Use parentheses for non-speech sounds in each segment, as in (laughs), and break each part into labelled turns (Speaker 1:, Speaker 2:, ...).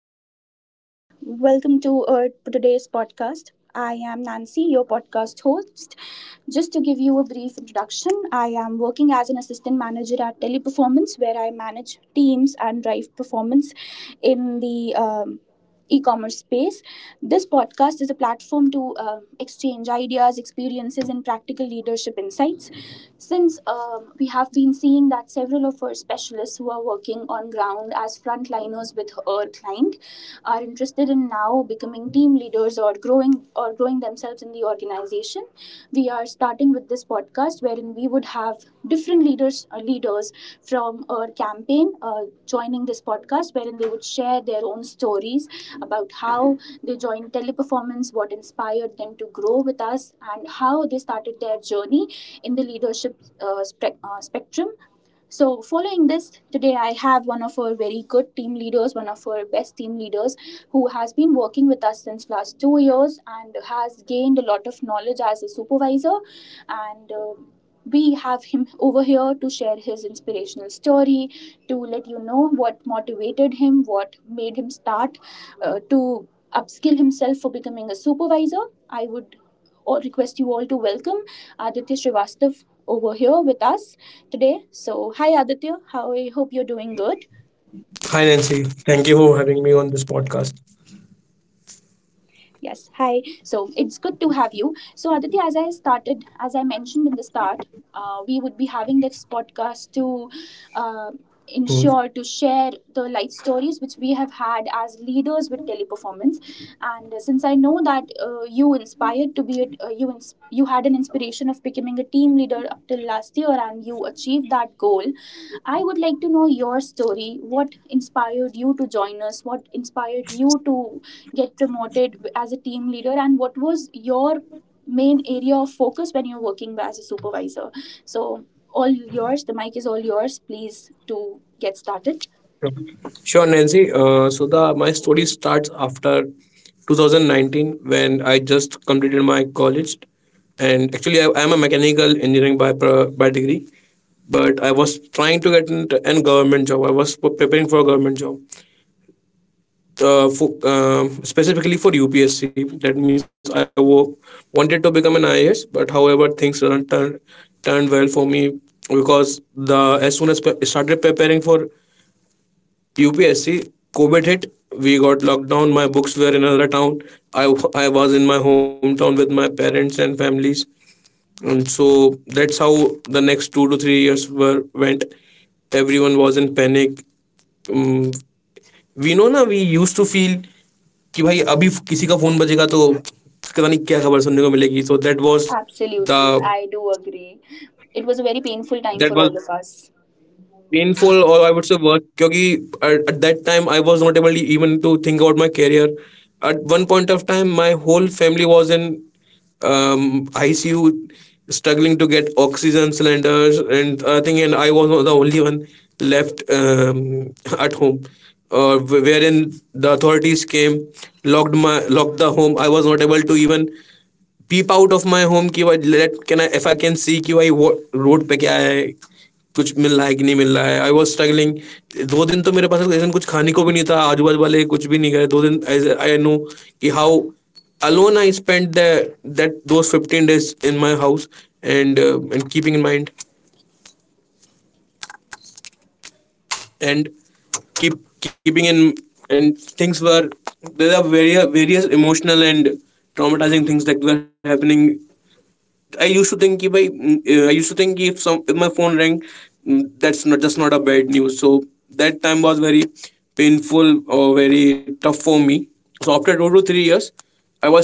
Speaker 1: Um, Welcome to today's podcast. I am Nancy, your podcast host. Just to give you a brief introduction, I am working as an assistant manager at Teleperformance, where I manage teams and drive performance in the e commerce space. This podcast is a platform to exchange ideas, experiences, and practical leadership insights since we have been seeing that several of our specialists who are working on ground started as frontliners with her client are interested in now becoming team leaders or growing themselves in the organization, we are starting with this podcast wherein we would have different leaders from our campaign joining this podcast wherein they would share their own stories about how they joined teleperformance, what inspired them to grow with us, and how they started their journey in the leadership spectrum. So, following this, today I have one of our very good team leaders, one of our best team leaders, who has been working with us since last 2 years and has gained a lot of knowledge as a supervisor. And We have him over here to share his inspirational story, to let you know what motivated him, what made him start to upskill himself for becoming a supervisor. I would all request you all to welcome Aditya Srivastav over here with us today. So, hi Aditya, how I hope you're doing good.
Speaker 2: Hi Nancy, thank you for having me on this podcast.
Speaker 1: Yes, hi. So it's good to have you. So, Aditi, as I mentioned in the start, we would be having this podcast to uh,
Speaker 2: Hmm.
Speaker 1: ensure to share the life stories which we have had as leaders with teleperformance. And Since I know that you inspired to be, a, you had an inspiration of becoming a team leader up till last year and you achieved that goal. I would like to know your story. What inspired you to join us? What inspired you to get promoted as a team leader? And what was your main area of focus when you're working as a supervisor? So, all yours, the mic is all yours. Please to get started.
Speaker 2: Sure, Nancy. So the my story starts after 2019 when I just completed my college, and actually I am a mechanical engineering by degree, but I was trying to get into an government job. Preparing for a government job, for specifically for UPSC. That means wanted to become an IAS, but however things didn't turned well for me because the as soon as I started preparing for UPSC, COVID hit. We got locked down. My books were in another town. I I was in my hometown with my parents and families, and so that's how the next 2 to 3 years were went. Everyone was in panic, um, we know now, we used to feel कि भाई अभी किसी का phone बजेगा तो पता नहीं क्या खबर सुनने को मिलेगी so that was the
Speaker 1: Absolutely, I do agree. It was a very painful
Speaker 2: that
Speaker 1: time for
Speaker 2: was
Speaker 1: all of us.
Speaker 2: Painful और आई वुड से वर्क क्योंकि at that time I was not able even to think about my career. At one point of time, my whole family was in, um, ICU, struggling to get oxygen cylinders, and I was the only one left, at home, uh, wherein the authorities came, locked my locked the home. I was not able to even peep out of my home की let can I if I can see कि भाई वो road पे क्या है कुछ मिल रहा कि नहीं मिल रहा है आई वॉज स्ट्रगलिंग दो दिन तो मेरे पास ऐसा कुछ खाने को भी नहीं था आजू बाजू वाले कुछ भी नहीं गए दो दिन आई नो कि how alone I spend that those fifteen days in my house and and keeping in mind and keep keeping in and things were there are various emotional and traumatizing things that were happening. I used to think, if I, mm, I used to think कि if my phone rang, that's not just not a bad news. So that time was very painful or very tough for me. So after 2 to 3 years,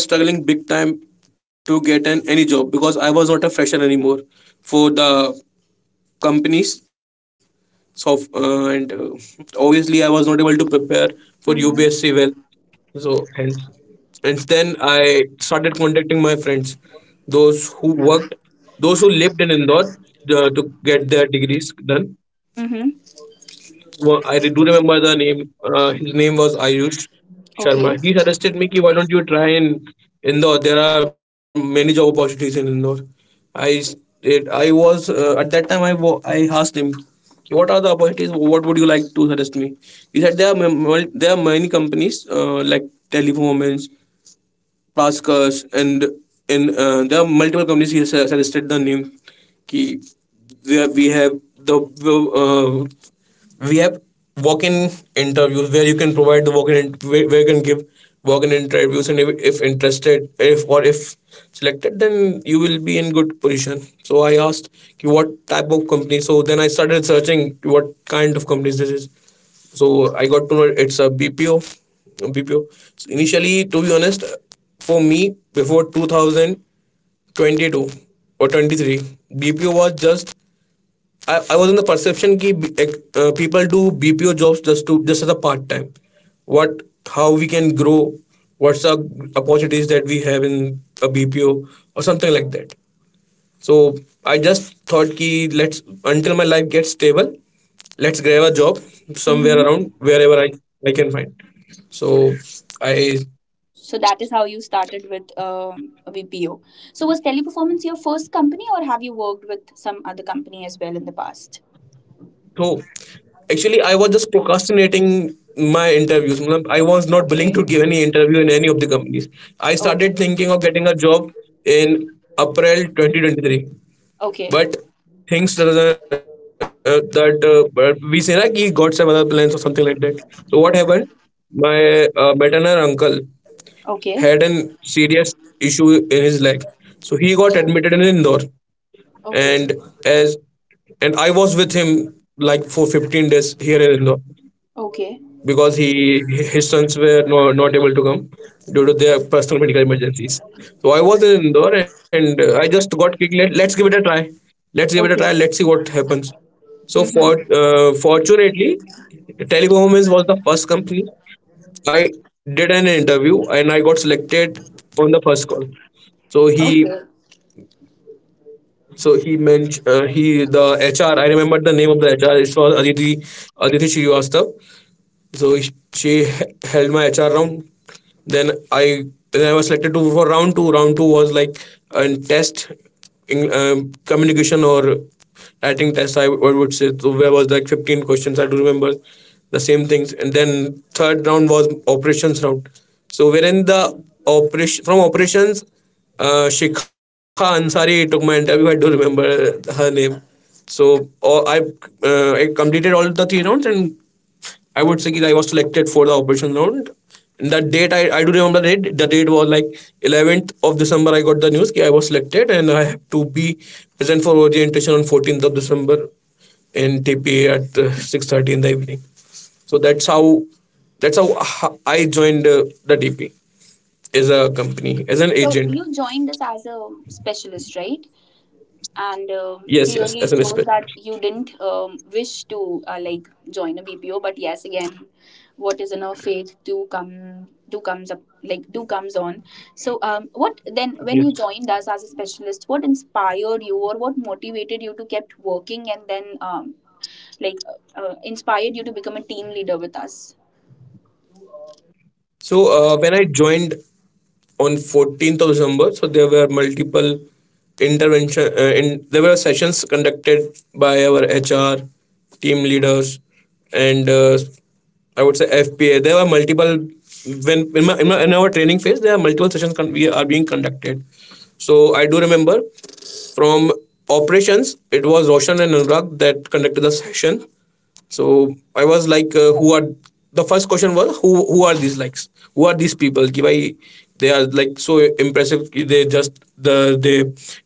Speaker 2: I was struggling big time to get an any job because I was not a fresher anymore for the companies, so, and, obviously I was not able to prepare for
Speaker 1: Mm-hmm.
Speaker 2: UPSC well. So hence, and then I started contacting my friends, those who worked, those who lived in Indore, to get their degrees done.
Speaker 1: Mm-hmm.
Speaker 2: Well, do remember the name. His name was Ayush
Speaker 1: Okay.
Speaker 2: Sharma. He suggested me, ki, why don't you try in Indore? There are many job opportunities in Indore. I s- I was, at that time. I asked him, "Ki, what are the opportunities? What would you like to suggest me?" He said there are there are many companies, like Teleperformance, Pasca's, and in there are multiple companies. He suggested the name. Ki, where we have the uh, we have walk-in interviews where you can provide the walk-in, where you can give walk-in interviews, and if interested, if selected, then you will be in good position. So I asked, what type of company? So then I started searching what kind of companies this is. So I got to know it's a BPO. So initially, to be honest, for me before 2022 or 23, BPO was just, I was in the perception that, people do BPO jobs just, to just as a part time. What How we can grow? What's the opportunities that we have in a BPO or something like that? So I just thought ki, let's, until my life gets stable, let's grab a job somewhere
Speaker 1: Mhm.
Speaker 2: around wherever I can find. So I
Speaker 1: So that is how you started with VPO. So was Teleperformance your first company, or have you worked with some other company as well in the past?
Speaker 2: So, actually, I was just procrastinating my interviews. मतलब, I was not willing
Speaker 1: Okay.
Speaker 2: to give any interview in any of the companies. I
Speaker 1: Okay.
Speaker 2: started thinking of getting a job in April 2023,
Speaker 1: Okay.
Speaker 2: but things doesn't, that but we say like he got some other plans or something like that. So what happened? My maternal uncle
Speaker 1: Okay.
Speaker 2: had an serious issue in his leg, so he got admitted in Indore,
Speaker 1: Okay.
Speaker 2: and as and I was with him like for 15 days here in Indore
Speaker 1: Okay.
Speaker 2: because he his sons were not able to come due to their personal medical emergencies. So I was in Indore and, I just got kicked. Let's give it a try. Let's give it a
Speaker 1: Okay.
Speaker 2: try. Let's see what happens. So,
Speaker 1: Mm-hmm.
Speaker 2: fortunately, Teleperformance was the first company. I did an interview and I got selected on the first call. So he
Speaker 1: Okay.
Speaker 2: So he mentioned, he the HR. I remember the name of the HR. It was Aditi Srivastav. So she held my HR round. Then I then I was selected to for round two. Round two was like a test in, communication or writing test. I would say so. There was like 15 questions. I do remember the same things. And then third round was operations round. So wherein the operation from operations, Shikha Ansari took my interview. I do remember her name. So or I completed all the three rounds, and I would say that I was selected for the operation round. And that date, I do remember the date. The date was like 11th of December. I got the news that I was selected and I have to be present for orientation on 14th of December in TPA at, 6:30 in the evening. So that's how I joined, the TP as a company, as an
Speaker 1: So you
Speaker 2: agent.
Speaker 1: joined us as a specialist, right? And
Speaker 2: Yes, yes,
Speaker 1: clearly
Speaker 2: as
Speaker 1: it
Speaker 2: an
Speaker 1: shows
Speaker 2: expert.
Speaker 1: that you didn't wish to like join a bpo, but yes, again, what is in our faith do come, do comes up, like do comes on. So um, what then when you joined
Speaker 2: Yes.
Speaker 1: us as a specialist, what inspired you or what motivated you to kept working and then like inspired you to become a team leader with us?
Speaker 2: So, when I joined on 14th of December. So there were multiple intervention, in there were sessions conducted by our HR team leaders, and I would say FPA. There were multiple when in, my, in, my, in our training phase, there are multiple sessions we are being conducted. So I do remember from operations it was Roshan and Anurag that conducted the session. So I was like, who are the first question was, who are these, likes who are these people ki bhai, they are like so impressive, they just they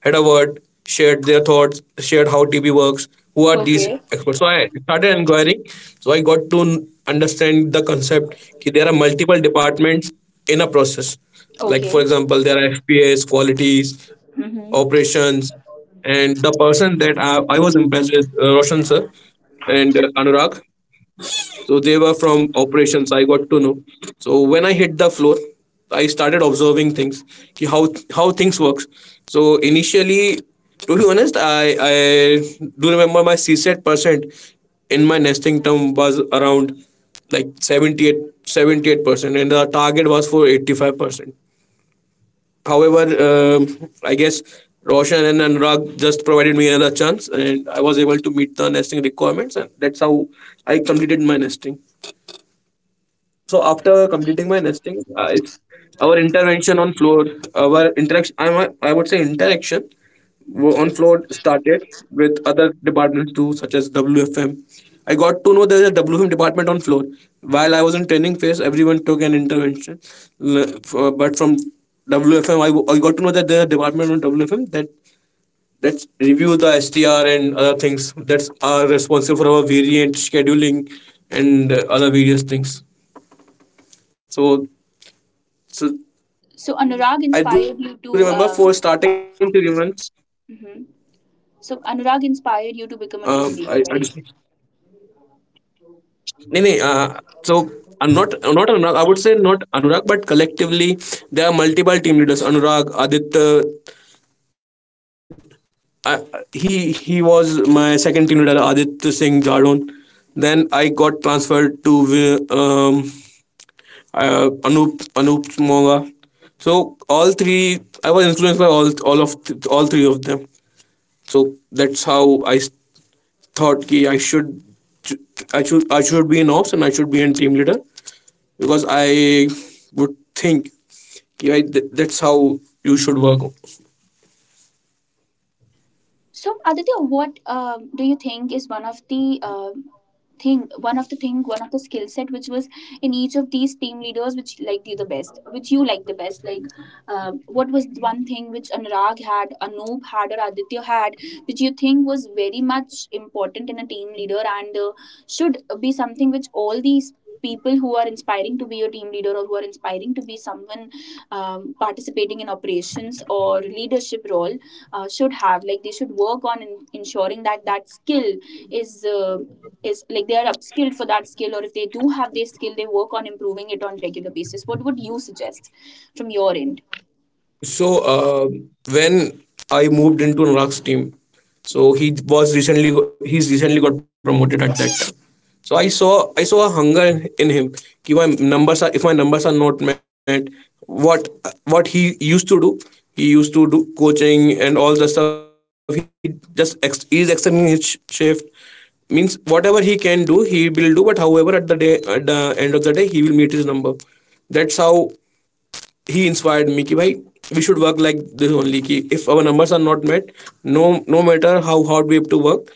Speaker 2: had a word, shared their thoughts, shared how tb works. Who are these
Speaker 1: Okay.
Speaker 2: experts? So I started inquiring. So I got to understand the concept ki there are multiple departments in a process, like for
Speaker 1: Okay.
Speaker 2: example there are FPAs, qualities,
Speaker 1: Mm-hmm.
Speaker 2: operations. And the person that I was impressed with, Roshan sir, and, Anurag. So they were from operations, I got to know. So when I hit the floor, I started observing things, ki how things works. So initially, to be honest, I do remember my CSET percent in my nesting term was around like seventy eight percent, and the target was for 85%. However, um I guess Roshan Anurag just provided me another chance, and I was able to meet the nesting requirements, and that's how I completed my nesting. So after completing my nesting, our intervention on floor, our interaction, I would say interaction on floor started with other departments too, such as WFM. I got to know there's a WFM department on floor. While I was in training phase, everyone took an intervention. L- But from WFM, I got to know that there's a department on WFM that that's review the STR and other things that's are responsible for our variant scheduling and, other various things. So so
Speaker 1: So
Speaker 2: I do
Speaker 1: anurag
Speaker 2: remember for
Speaker 1: inspired you to
Speaker 2: starting to events.
Speaker 1: mhm. So anurag inspired you to become a team leader,
Speaker 2: I just,
Speaker 1: right?
Speaker 2: nee, uh, so I'm not Anurag. I would say not Anurag, but collectively there are multiple team leaders. Anurag, Aditya, Adit. I, he he was my second team leader, Aditya Singh Jadon. Then I got transferred to Anup Moga. So all three, I was influenced by all three of them. So that's how I thought ki I should be in ops, and I should be in team leader, because I would think ki, that's how you should work.
Speaker 1: So, Aditya, what do you think is one of the one of the skill set which was in each of these team leaders, which liked you the best, which you liked the best? Like, what was the one thing which Anurag had, Anoop had, or Aditya had, which you think was very much important in a team leader, and should be something which all these people who are inspiring to be your team leader or who are inspiring to be someone participating in operations or leadership role should have. Like, they should work on ensuring that that skill is uh, is like they are upskilled for that skill, or if they do have their skill they work on improving it on regular basis. What would you suggest from your end?
Speaker 2: So, when I moved into Anurag's team, so he's recently got promoted at that time. So I saw a hunger in him. Ki my numbers are if my numbers are not met, what he used to do, he used to do coaching and all the stuff. He's extending his shift. Means whatever he can do, he will do. But however, at the end of the day, he will meet his number. That's how he inspired me कि भाई we should work like this only कि if our numbers are not met, no no matter how hard we have to work,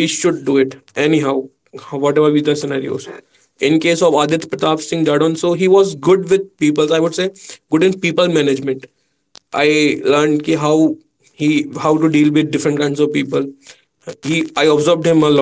Speaker 2: we should do it anyhow, whatever be the scenarios. In case of Aditya Pratap Singh Jadon, so he was good with people, I would say good in people management. I learned कि how he, how to deal with different kinds of people. He, I observed him a lot.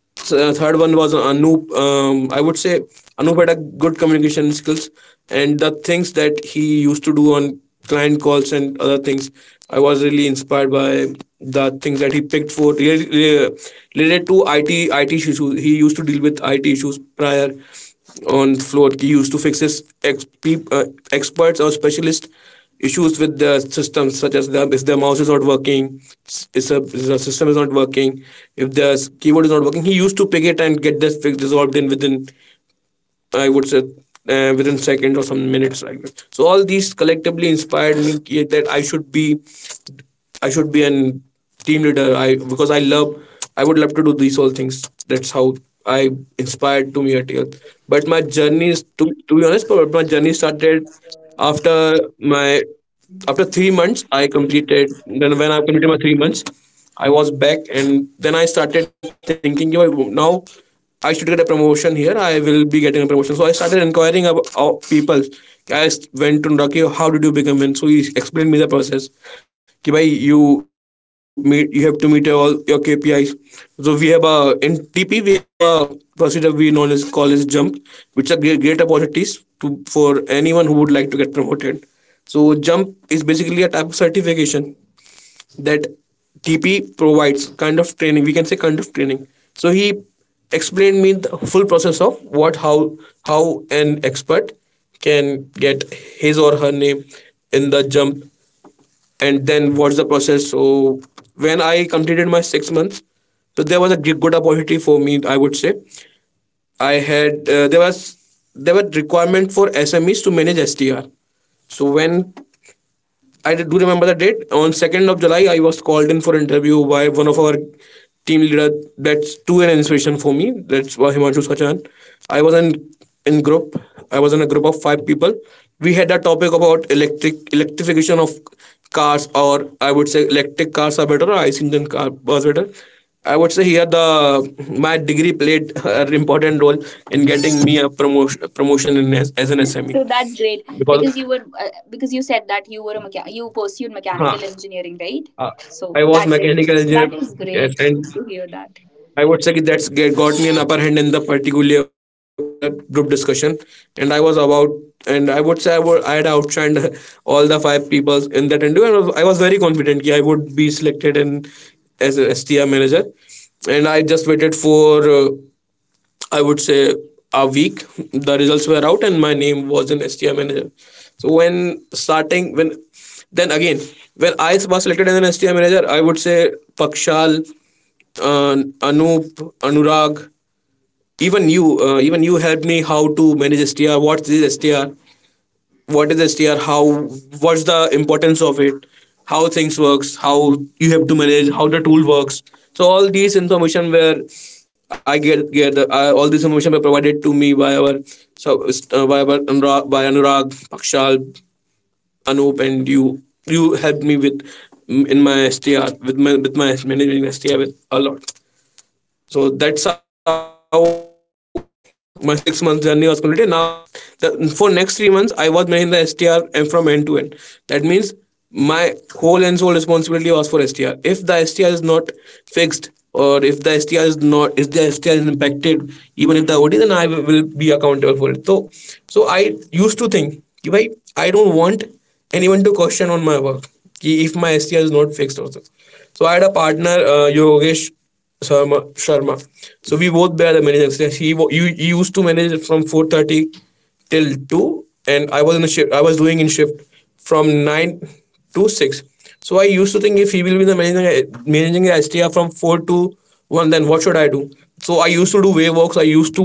Speaker 2: So, third one was Anoop. I would say Anoop had a good communication skills, and the things that he used to do on client calls and other things, I was really inspired by the things that he picked for related to IT IT issues. He used to deal with IT issues prior on the floor. He used to fix his experts or specialists issues with the systems, such as the if the mouse is not working, if the, system is not working, if the keyboard is not working, he used to pick it and get this fix resolved in within, I say, within seconds or some minutes like that. So all these collectively inspired me that I should be an team leader. I because I love, I would love to do these all things. That's how I inspired to me at Earth. But my journey is to be honest, but my journey started after my after 3 months. I completed when I completed my 3 months. I was back, and then I started thinking, "Yo, now I should get a promotion here. I will be getting a promotion." So I started inquiring about of people. I went to Naki, how did you become in? So he explained me the process. Ki bhai, you you have to meet all your KPIs. So we have a in TP we have a procedure we know as call as jump, which are great opportunities to for anyone who would like to get promoted. So jump is basically a type of certification that TP provides, kind of training. We can say kind of training. So he explained me the full process of what how an expert can his or her name in the jump, and then what's the process. So when I completed my 6 months, so there was a good opportunity for me. I would say I had there was there were requirement for SMEs to manage STR. So when, I do remember the date. On 2nd of July, I was called in for interview by one of our team leader. That's too an inspiration for me. That's why Himanshu Sachan. I was in group. I was in a group of five people. We had a topic about electric electrification of cars, or I would say electric cars are better, or IC engine. I would say here the my degree played an important role in getting me a promotion in as an SME
Speaker 1: So that's great,
Speaker 2: because
Speaker 1: because you were because you said that you were a mecha-, you pursued
Speaker 2: huh,
Speaker 1: mechanical engineering, right?
Speaker 2: Uh,
Speaker 1: So
Speaker 2: I was
Speaker 1: that
Speaker 2: mechanical
Speaker 1: is,
Speaker 2: engineer,
Speaker 1: that is
Speaker 2: yes,
Speaker 1: great,
Speaker 2: and
Speaker 1: good to hear that.
Speaker 2: I would say that's got me an upper hand in the particular particular group discussion, and I was about and I would say I had outshined (laughs) all the five peoples in that interview, and I was very confident that I would be selected in as a STR manager, and I just waited for I would say a week. The results were out, and my name was in STI manager. So when starting when then again when I was selected as an STI manager, I would say Pakshal, uh, Anoop, Anurag, even you helped me how to manage STR. What's this STR? What is STR, how, what's the importance of it, how things works, how you have to manage, how the tool works. So all these information were I get the, all this information were provided to me by our Anurag, Pakshal, Anup, and you. You helped me with in my STR with my managing STR with a lot. So that's how my 6 month journey was completed. Now, for next 3 months, I was managing the STR and from end to end. That means my whole and sole responsibility was for STR. If the STR is not fixed or if the STR is impacted, even if the OD, then I will be accountable for it. So, so I used to think, ki भाई I don't want anyone to question on my work. कि if my STR is not fixed also. So I had a partner, Yogesh Sharma. So we both were the managers. You, you used to manage from 4:30 till two, and I was in the shift. I was doing in shift nine to six. So I used to think if he will be the managing STR from four to one, then what should I do? So I used to do way walks.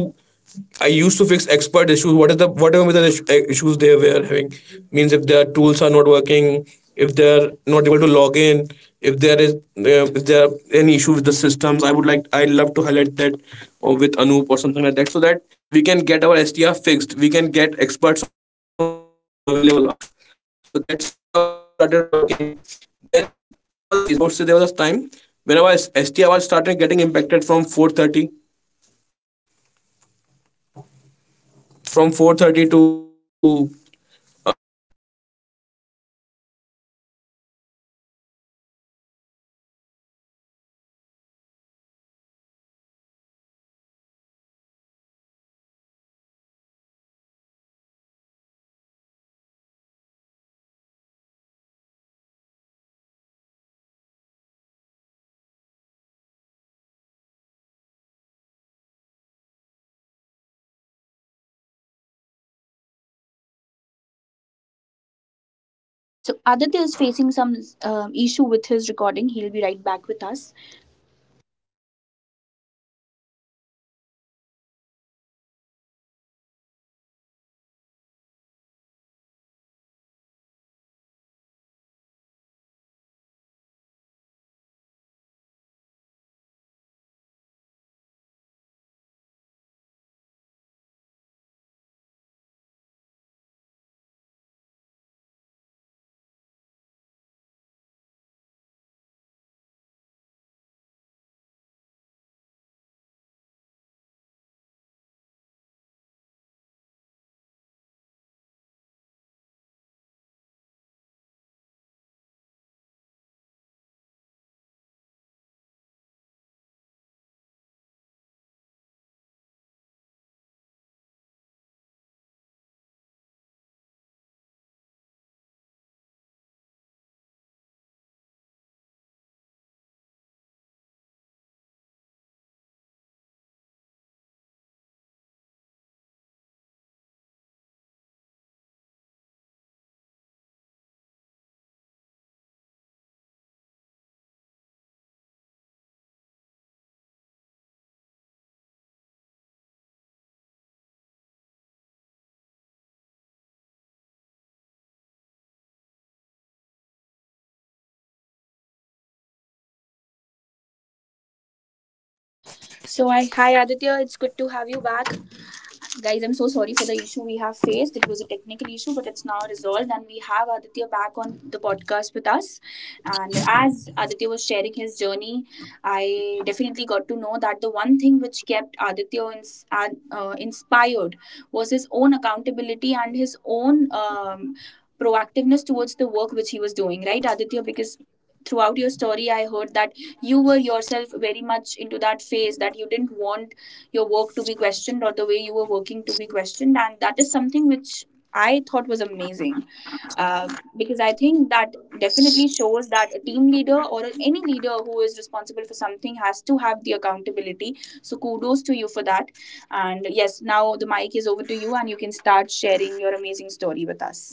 Speaker 2: I used to fix expert issues. Whatever the issues they were having, means if their tools are not working, if they're not able to log in, if there is if there are any issue with the systems, I would I love to highlight that, or with Anoop or something like that, so that we can get our STR fixed. We can get experts on available logs. So that's how I started working. Then there was a phase. There I would say there was a time when I was STR was started getting impacted from 4:30, from 4:30 to uh,
Speaker 1: So Aditya is facing some issue with his recording. He'll be right back with us. So I, hi Aditya, it's good to have you back. Guys, I'm so sorry for the issue we have faced. It was a technical issue, but it's now resolved and we have Aditya back on the podcast with us. And as Aditya was sharing his journey, I definitely got to know that the one thing which kept Aditya inspired was his own accountability and his own proactiveness towards the work which he was doing, right, Aditya? Because throughout your story I heard that you were yourself very much into that phase that you didn't want your work to be questioned or the way you were working to be questioned, and that is something which I thought was amazing. uh, because I think that definitely shows that a team leader or any leader who is responsible for something has to have the accountability. So kudos to you for that, and yes, now the mic is over to you and you can start sharing your amazing story with us.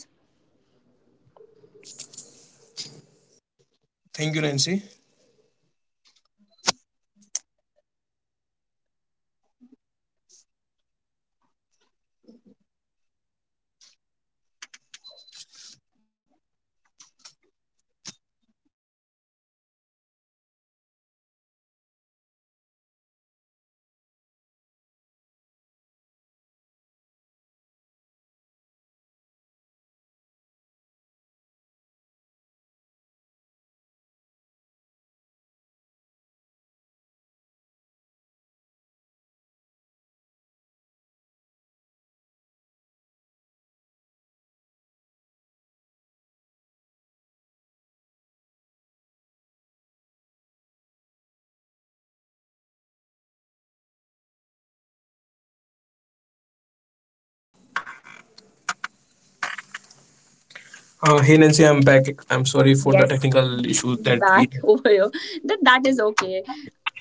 Speaker 2: Hey Nancy, I'm back. I'm
Speaker 1: Yes,
Speaker 2: sorry for the technical issue
Speaker 1: back (laughs)
Speaker 2: that
Speaker 1: over
Speaker 2: we
Speaker 1: here. That, that is okay.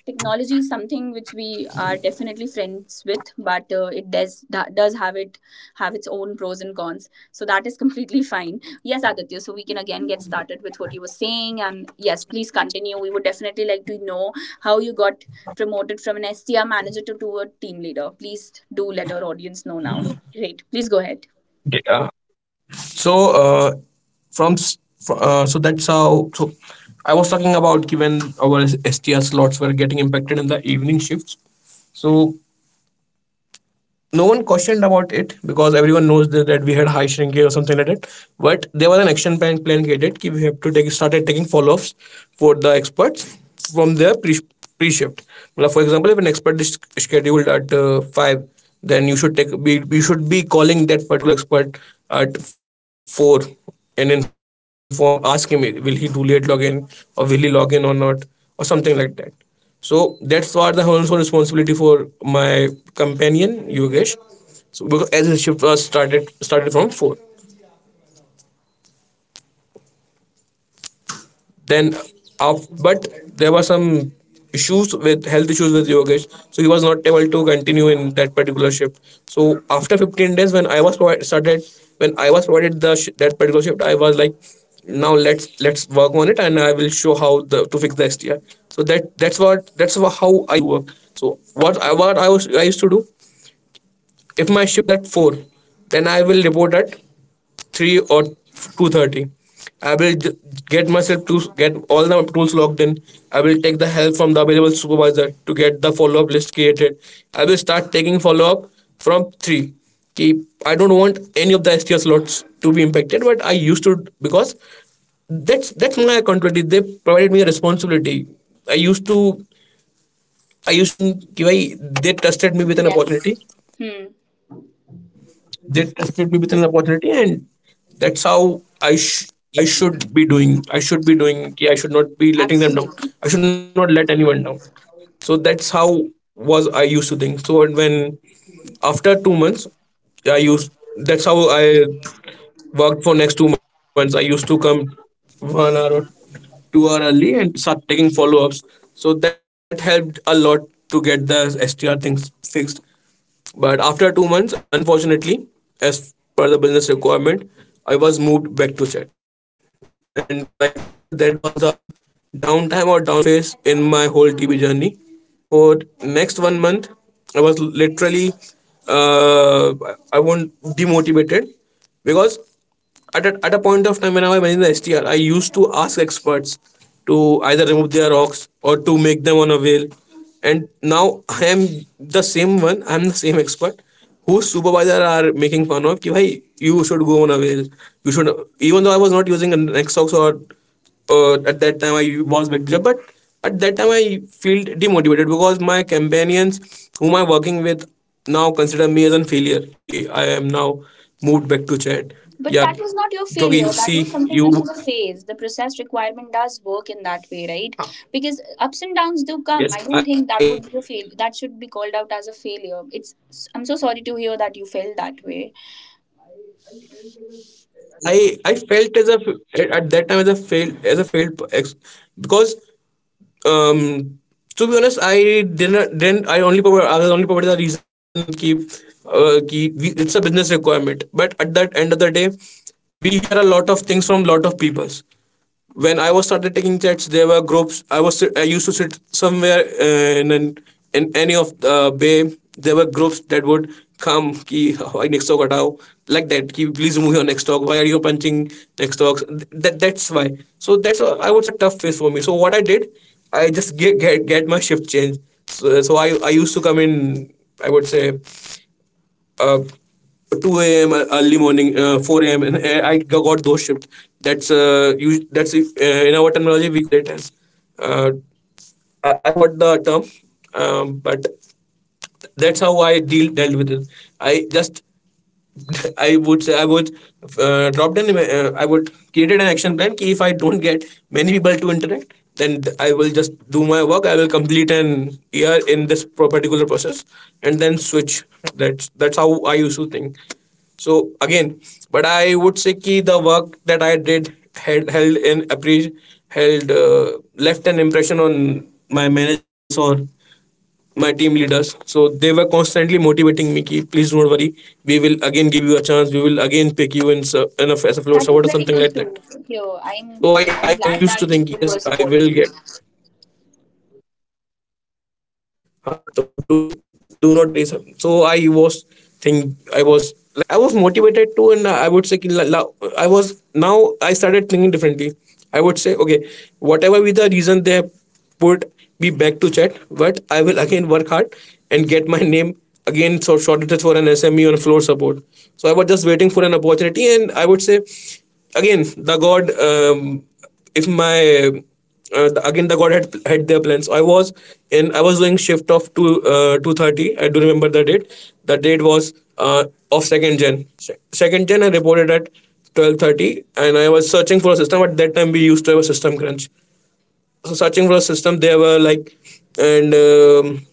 Speaker 1: Technology is something which we are definitely friends with, but it does, that does have it, have its own pros and cons, so that is (laughs) completely fine. Yes Aditya, so we can again get started with what you were saying, and yes, please continue. We would definitely like to know how you got promoted from an sdr manager to a team leader. Please do let our audience know now. Great, please go ahead.
Speaker 2: had. So uh, from s- so that's how. So I was talking about given our STR slots were getting impacted in the evening shifts. So no one questioned about it because everyone knows that, that we had high shrinkage or something like that. But there was an action plan plan created. Ki we have to take started taking follow-ups for the experts from their pre shift. Well, for example, if an expert is scheduled at five, then you should take be you should be calling that particular expert at four and inform ask him will he do late login or will he log in or not, or something like that. So that's what the whole responsibility for my companion Yogesh. So because as his shift was started from four. Then, af but there were some issues with health issues with Yogesh, so he was not able to continue in that particular shift. So after 15 days, when I was provi- started, when I was provided the that particular shift, I was like, now let's work on it, and I will show how the to fix the STI. So that that's what that's wha- how I used to work. So what I was I used to do if my shift is at four, then I will report at 3 or 2:30. I will get myself to get all the tools logged in. I will take the help from the available supervisor to get the follow-up list created. I will start taking follow-up from 3. कि I don't want any of the STR slots to be impacted, but I used to, because that's my accountability. They provided me a responsibility. i used to I used to think कि they trusted me with an
Speaker 1: Yes.
Speaker 2: opportunity.
Speaker 1: Hmm.
Speaker 2: They trusted me with an opportunity, and that's how I should be doing, yeah, I should not be letting them down.
Speaker 1: Absolutely.
Speaker 2: I should not let anyone down. So that's how was I used to think. So when, after 2 months, yeah, I used that's how I worked for next 2 months. I used to come 1 hour or 2 hour early and start taking follow-ups, so that helped a lot to get the str things fixed. But after 2 months, unfortunately, as per the business requirement, I was moved back to chat. And like I would say, that was the downtime or down phase in my whole TB journey. For next 1 month, I was literally, uh, I won't demotivated because at at a point of time when I was managing the STR, I used to ask experts to either remove their rocks or to make them on a whale. And now I am the same one, I am the same expert whose supervisor are making fun ki, hey, you should go on a whale. You should, even though I was not using an XOX or at that time I was Victor, but at that time I felt demotivated because my companions whom I'm working with now consider me as a failure. कि I am now moved back to chat.
Speaker 1: But
Speaker 2: Yeah,
Speaker 1: that was not your failure.
Speaker 2: because
Speaker 1: That was
Speaker 2: see
Speaker 1: something which was
Speaker 2: you.
Speaker 1: a phase. The process requirement does work in that way, right? Because ups and downs do come. I
Speaker 2: Yes,
Speaker 1: don't think that
Speaker 2: I
Speaker 1: would be a fail. That should be called out as a failure. It's. I'm so sorry to hear that you felt that way.
Speaker 2: I I felt as a at that time as a failed ex, because um, to be honest, I didn't. Didn't I only provided, I was only provided the reason ki, ki it's a business requirement. But at that end of the day, we hear a lot of things from lot of peoples when I was started taking chats, there were groups. I used to sit somewhere in an, in any of the bay. There were groups that would come ki why next talk atao, like that ki please move your next talk, why are you punching next talks. That's why, so that's a, I would say, a tough phase for me. So what I did, I just get my shift change. So I used to come in, I would say, uh, 2 a.m., early morning, 4 a.m. And I got those shift. That's that's in our terminology we call it as uh, I forgot the term, but that's how I dealt with it. I just (laughs) I would say I would dropped an I would created an action plan. Ki if I don't get many people to interact, then I will just do my work. I will complete an year in this particular process and then switch. That's how I used to think. So again, but I would say ki the work that I did held held in appre- held left an impression on my managers or my team leaders. So they were constantly motivating me, ki, please don't worry, we will again give you a chance, we will again pick you in,
Speaker 1: That is
Speaker 2: as a
Speaker 1: very
Speaker 2: floor
Speaker 1: good
Speaker 2: support or
Speaker 1: to
Speaker 2: something like
Speaker 1: hear.
Speaker 2: that.
Speaker 1: I'm.
Speaker 2: So
Speaker 1: I,
Speaker 2: I
Speaker 1: I'm glad
Speaker 2: used to
Speaker 1: that
Speaker 2: think,
Speaker 1: people
Speaker 2: yes,
Speaker 1: were
Speaker 2: I will
Speaker 1: supporting you.
Speaker 2: get, so do not worry, sir. So I was like, I was motivated to. And I would say ki I was now, I started thinking differently. I would say, okay, whatever be the reason, they put me back to chat, but I will again work hard and get my name again. So, shortlisted for an sme on floor support, was just waiting for an opportunity. And I would say, again, the god, if my again, the god had had their plans. I was doing shift of 2, 2:30. I do remember the date. The date was, uh, of second gen. I reported at 12:30, and I was searching for a system. At that time we used to have a system crunch, so searching for a system, they were like, and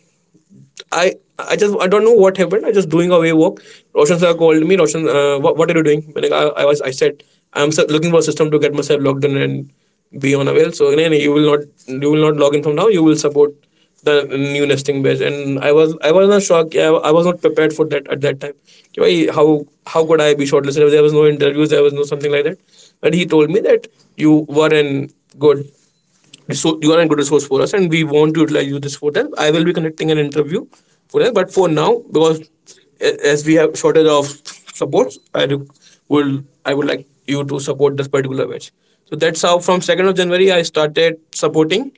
Speaker 2: I just, I don't know what happened. I just doing a way walk. Roshan sir called me. Roshan, what are you doing? Like, I said, I'm looking for a system to get logged in and be on avail. So, no, no, you will not log in from now. You will support the new nesting base. And I was not shocked. Yeah, I was not prepared for that at that time. कि how how could I be shortlisted? There was no interviews. There was no something like that. And he told me that you were in good, so are a good resource for us, and we want to utilize you. This hotel I will be conducting an interview for that, but for now, because as we have shortage of supports, I re- will I would like you to support this particular batch. So that's how from 2nd of january I started supporting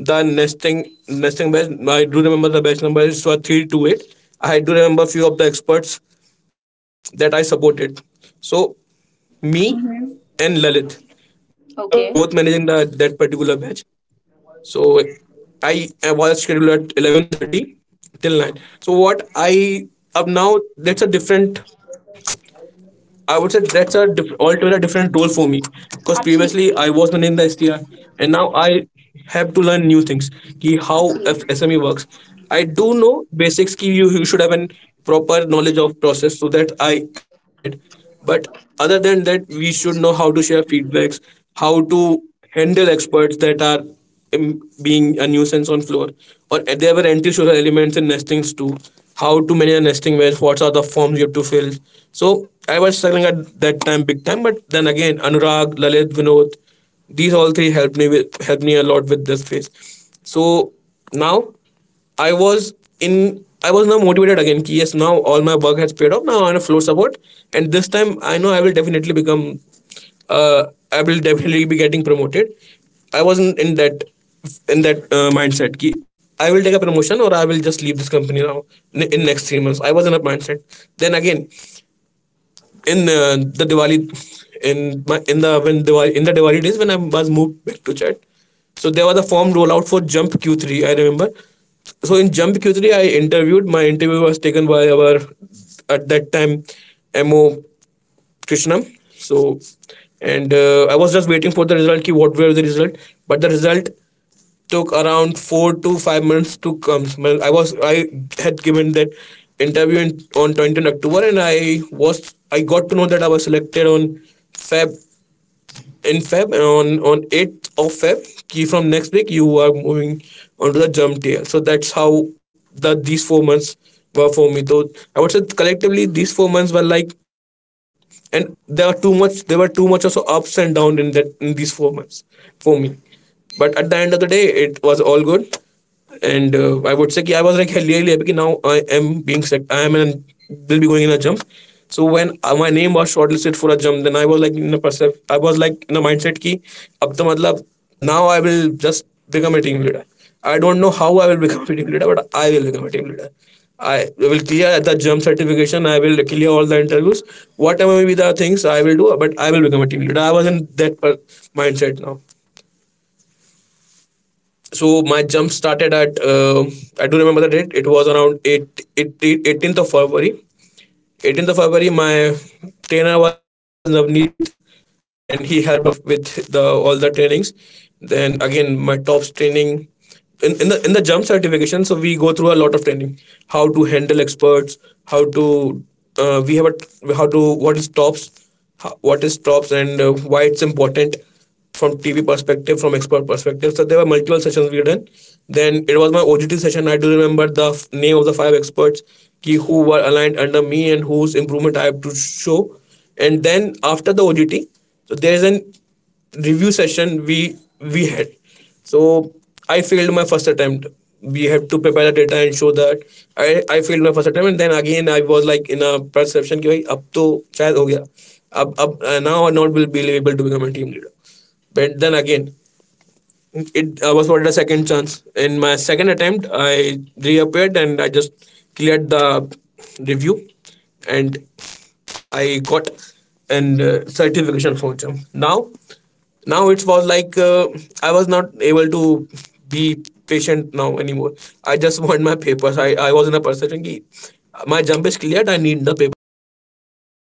Speaker 2: the nesting batch. I do remember the batch number is, 328. I do remember few of the experts that I supported. So, me and
Speaker 1: Mm-hmm.
Speaker 2: Lalit were both managing
Speaker 1: Okay.
Speaker 2: that particular batch. So I was scheduled at 11:30 till 9. So what I up now, that's a different, I would say, altogether different role for me, because
Speaker 1: Absolutely.
Speaker 2: previously I was managing the str, and now I have to learn new things. Ki how
Speaker 1: Absolutely.
Speaker 2: FSME works. I do know basics, ki you should have an proper knowledge of process, so that I had. But other than that, we should know how to share feedbacks, how to handle experts that are, being a nuisance on floor, or there were anti-social elements in nestings too, how to manage a nesting, where what are the forms you have to fill. So, I was struggling at that time, big time. But then again, anurag, lalit, vinod, these all three helped me with, helped me a lot with this phase. So, now, I was I was now motivated again. Ki, yes, now all my work has paid off. Now I'm on a floor support, and this time I know I will definitely become. Uh, I will definitely be getting promoted. I wasn't in that mindset. I will take a promotion or I will just leave this company now in next 3 months. I was in a mindset. Then again, in the Diwali, in the Diwali days when I was moved back to chat. So there was a form rollout for Jump Q3, I remember. So in Jump Q3, I interviewed. My interview was taken by our, at that time, Mo Krishnam. So, and I was just waiting for the result. Ki what were the result? But the result took around 4 to 5 months to come. Well, I had given that interview on 20th October, and I got to know that I was selected on Feb, in Feb, on 8th of Feb. Ki from next week you are moving onto the jump tier. So that's how these 4 months were for me. Though I would say, collectively, these 4 months were like, and there were too much also ups and downs in these 4 months for me. But at the end of the day, it was all good. And I would say ki I was like really happy ki now I am I am and will be going in a jump. So when my name was shortlisted for a jump, then I was like in a mindset ki ab to matlab, now I will just leader. I don't know how I will become a team leader, but I will become a team leader. I will clear the jump certification. I will clear all the interviews. Whatever may be the things I will do, but I will become a team leader. I was in that mindset now. So my jump started at, I do remember the date, it was around 18th of february. My trainer was navneet, and he helped me a lot with the all the trainings. Then again, my tops training in the jump certification. So we go through a lot of training. How to handle experts, how to, we have a, how to, what is tops, what is tops, and why it's important, from TV perspective, from expert perspective. So there were multiple sessions we done. Then it was my OGT session. I do remember the name of the five experts ki who were aligned under me and whose improvement I have to show. And then after the OGT, so there is an review session we had. So I failed my first attempt. We had to prepare the data and show that I failed my first attempt. And then again, I was like in a perception कि भाई अब तो शायद हो गया अब now I not will be able to become a team leader. But then again, it was awarded a second chance. In my second attempt, I reappeared and I just cleared the review, and I got, and certification for them. Now, it was like, I was not able to be patient now anymore. I just (laughs) want my papers. I was in a position ki my jump is cleared. I need the papers now. So I